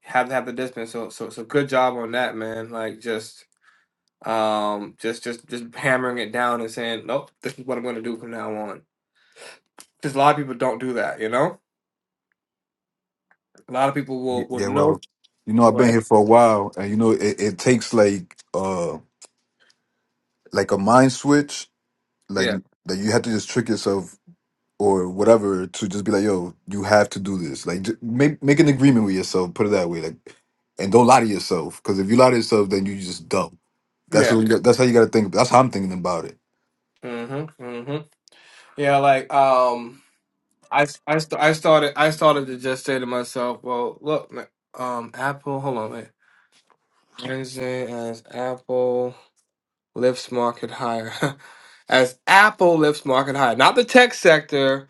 S1: have to have the discipline so so so good job on that man like just um just just just hammering it down and saying nope this is what i'm going to do from now on because a lot of people don't do that you know a lot of people
S3: Y-
S1: will will
S3: yeah
S1: know
S3: well you know i've been
S1: but
S3: here for a while and you know it, it takes like uh like a mind switch like
S1: yeah
S3: that you have to just trick yourself or whatever to just be like, yo, you have to do this. Like, ju- make make an agreement with yourself. Put it that way, like, and don't lie to yourself. Because if you lie to yourself, then you just dumb. That's
S1: yeah
S3: what. You got, that's how you got to think. That's how I'm thinking about it.
S1: mm-hmm mm-hmm yeah like um i s- i, st- I started i started to just say to myself well look ma- um apple hold on wait wednesday as apple lifts market higher as apple lifts market higher not the tech sector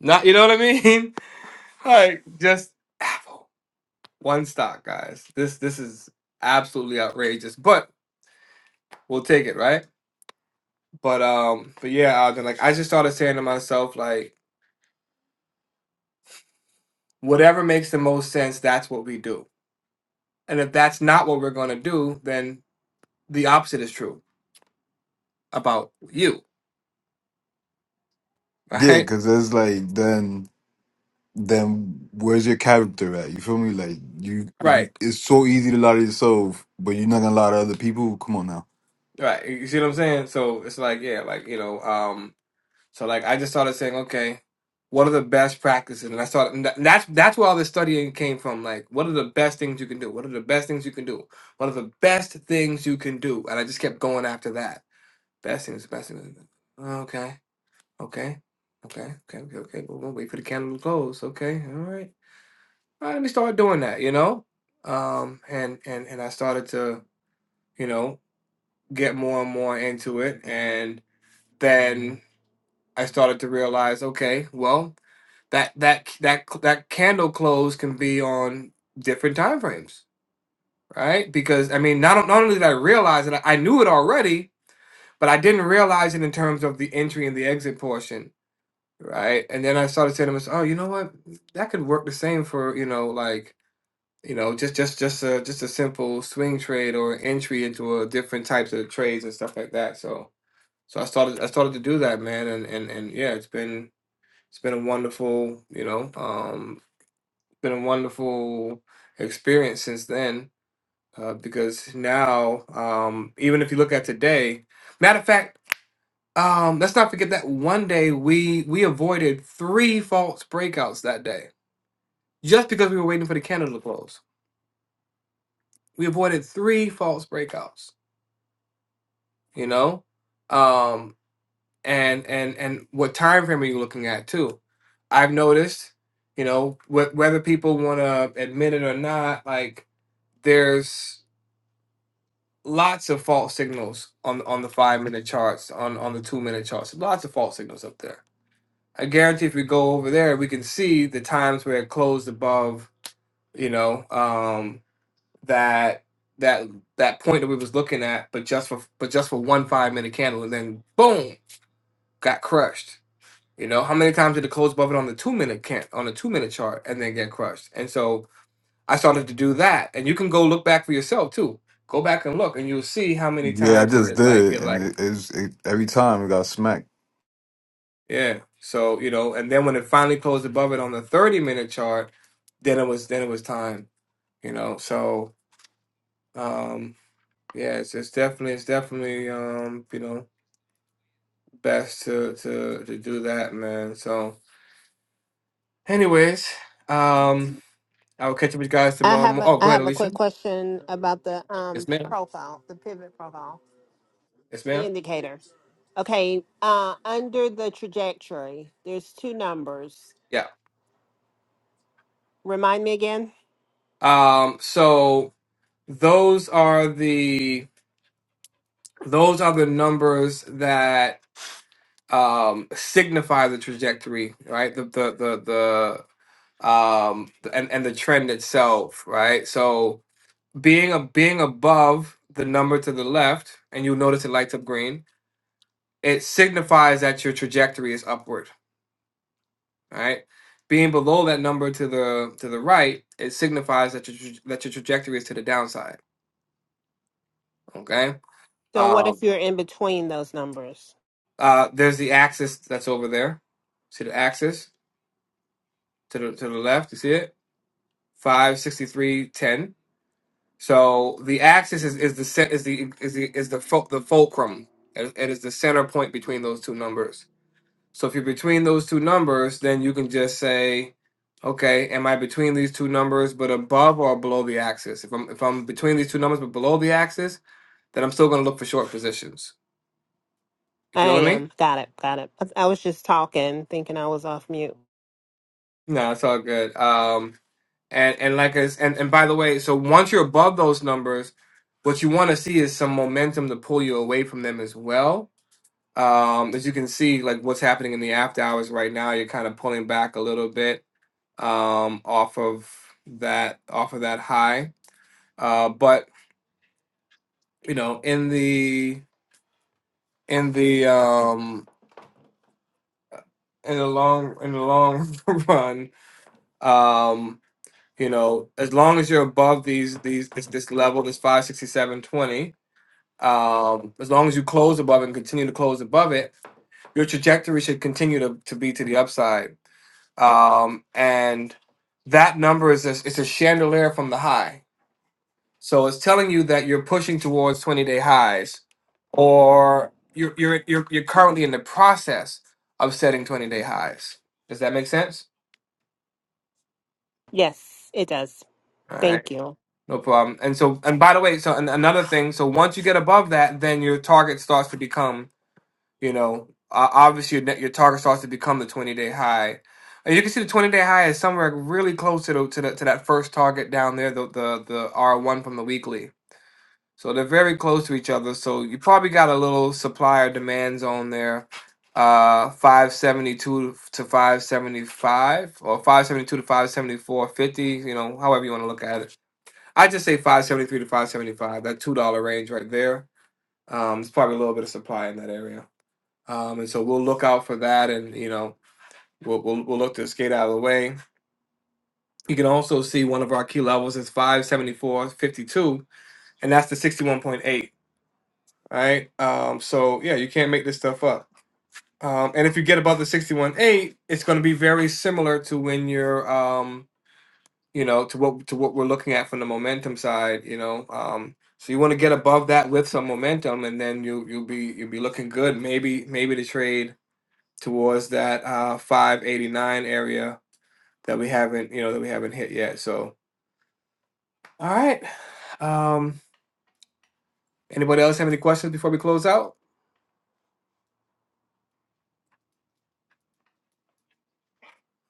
S1: not you know what i mean like just apple One stock, guys. This this is absolutely outrageous, but we'll take it, right? But um, but yeah, Ogden, like I just started saying to myself, like whatever makes the most sense, that's what we do. And if that's not what we're gonna do, then the opposite is true about you,
S3: Yeah,
S1: right?
S3: because it's like then then where's your character at? You feel me? Like you,
S1: Right,
S3: it's so easy to lie to yourself, but you're not gonna lie to other people. Come on now.
S1: right. You see what I'm saying? So it's like, yeah, like you know, um, So like I just started saying, okay, what are the best practices? And I started and that- that's that's where all this studying came from. Like, what are the best things you can do? What are the best things you can do? What are the best things you can do? And I just kept going after that. Best things, best things. Okay, okay, okay, okay, okay, okay. Well, we'll wait for the candle to close. Okay, all right. All right, let me start doing that. You know, um, and and and I started to you know get more and more into it, and then. I started to realize, okay, well, that that that that candle close can be on different time frames, right? Because I mean, not not only did I realize it, I I knew it already, but I didn't realize it in terms of the entry and the exit portion, right? And then I started saying to myself, oh, you know what, that could work the same for you know like you know just just just a just a simple swing trade or entry into a different types of trades and stuff like that. So so I started I started to do that, man, and and and yeah, it's been it's been a wonderful, you know, um, been a wonderful experience since then. Uh, because now, um, even if you look at today, matter of fact, um, let's not forget that one day we we avoided three false breakouts that day just because we were waiting for the candle to close. We avoided three false breakouts. You know, um, and and and what time frame are you looking at too i've noticed you know wh- whether people want to admit it or not like there's lots of false signals on on the five minute charts on on the two minute charts lots of false signals up there i guarantee if we go over there we can see the times where it closed above you know um that that that point that we was looking at but just for but just for one five minute candle and then boom got crushed You know, how many times did it close above it on the two minute can on the two minute chart and then get crushed? And so I started to do that, and you can go look back for yourself too. Go back and look, and you'll see how many
S3: Yeah, I
S1: times it,
S3: just
S1: it like
S3: did,
S1: it
S3: and
S1: like
S3: it, it's it, every time we got smacked.
S1: yeah. So you know, and then when it finally closed above it on the thirty minute chart, then it was then it was time. You know, so um yeah, it's, it's definitely it's definitely um you know best to to to do that, man. So, anyways, um I will catch up with you guys
S4: I
S1: tomorrow.
S4: have
S1: mo-
S4: a
S1: Oh, go
S4: I
S1: ahead,
S4: have a
S1: Alicia.
S4: quick question about the
S1: Yes,
S4: um
S1: ma'am.
S4: profile, the pivot profile.
S1: Yes,
S4: the
S1: ma'am.
S4: indicator. Okay, uh, under the trajectory, there's two numbers.
S1: Yeah.
S4: Remind me again.
S1: Um, so those are the those are the numbers that um signify the trajectory, right? The the the the um the- and and the trend itself, right? So being a being above the number to the left, and you'll notice it lights up green, it signifies that your trajectory is upward. All right. Being below that number to the to the right, it signifies that your tra- that your trajectory is to the downside. Okay.
S4: So what
S1: Um.
S4: if you're in between those numbers?
S1: Uh. There's the axis that's over there. See the axis to the to the left. You see it? Five sixty three ten. So the axis is, is the cen- is the is the is the fo- the fulcrum. It it is the center point between those two numbers. So if you're between those two numbers, then you can just say, okay, am I between these two numbers but above or below the axis? If I'm if I'm between these two numbers but below the axis, then I'm still gonna look for short positions. You
S4: I
S1: feeling me?
S4: am. Got it. Got it. I I was just talking, thinking I was off mute.
S1: No, it's all good. Um and and like as and, and by the way, so once you're above those numbers, what you want to see is some momentum to pull you away from them as well. Um, as you can see, like what's happening in the after hours right now, you're kind of pulling back a little bit um, off of that off of that high. Uh, but you know, in the in the um, in the long in the long run, um, you know, as long as you're above these these this, this level, this five sixty seven twenty, um, as long as you close above and continue to close above it, your trajectory should continue to, to be to the upside. Um, and that number is a, it's a chandelier from the high. So it's telling you that you're pushing towards 20 day highs or you're, you're, you're, you're currently in the process of setting 20 day highs. Does that make sense?
S4: Yes, it does.
S1: All right.
S4: Thank you.
S1: No problem. And so, and by the way, so an, another thing, so once you get above that, then your target starts to become, you know, uh, obviously your, net- your target starts to become the 20 day high. And you can see the 20 day high is somewhere really close to the, to the, to that first target down there, the, the, the R1 from the weekly. So they're very close to each other. So you probably got a little supplier demand zone there, uh, 572 to 575 or 572 to 574.50, you know, however you want to look at it. I just say 573 to 575, that $2 range right there. Um, it's probably a little bit of supply in that area. Um, and so we'll look out for that and, you know, we'll, we'll, we'll look to skate out of the way. You can also see one of our key levels is 574.52, and that's the 61.8. All right. Um, so yeah, you can't make this stuff up. Um, and if you get above the sixty-one eight, it's going to be very similar to when you're, um, you know, to what to what we're looking at from the momentum side. You know, um, so you want to get above that with some momentum, and then you you'll be you'll be looking good. Maybe maybe to trade towards that uh, 5.89 area that we haven't you know that we haven't hit yet. So all right. Um, anybody else have any questions before we close out?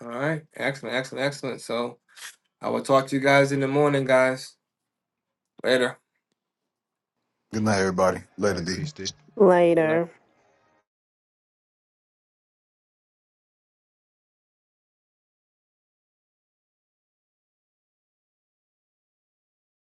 S1: All right. Excellent. Excellent. Excellent. So. I will talk to you guys in the morning, guys. Later.
S3: Good night, everybody.
S5: All
S3: Later,
S5: right,
S3: D.
S5: peace, D.
S4: Later.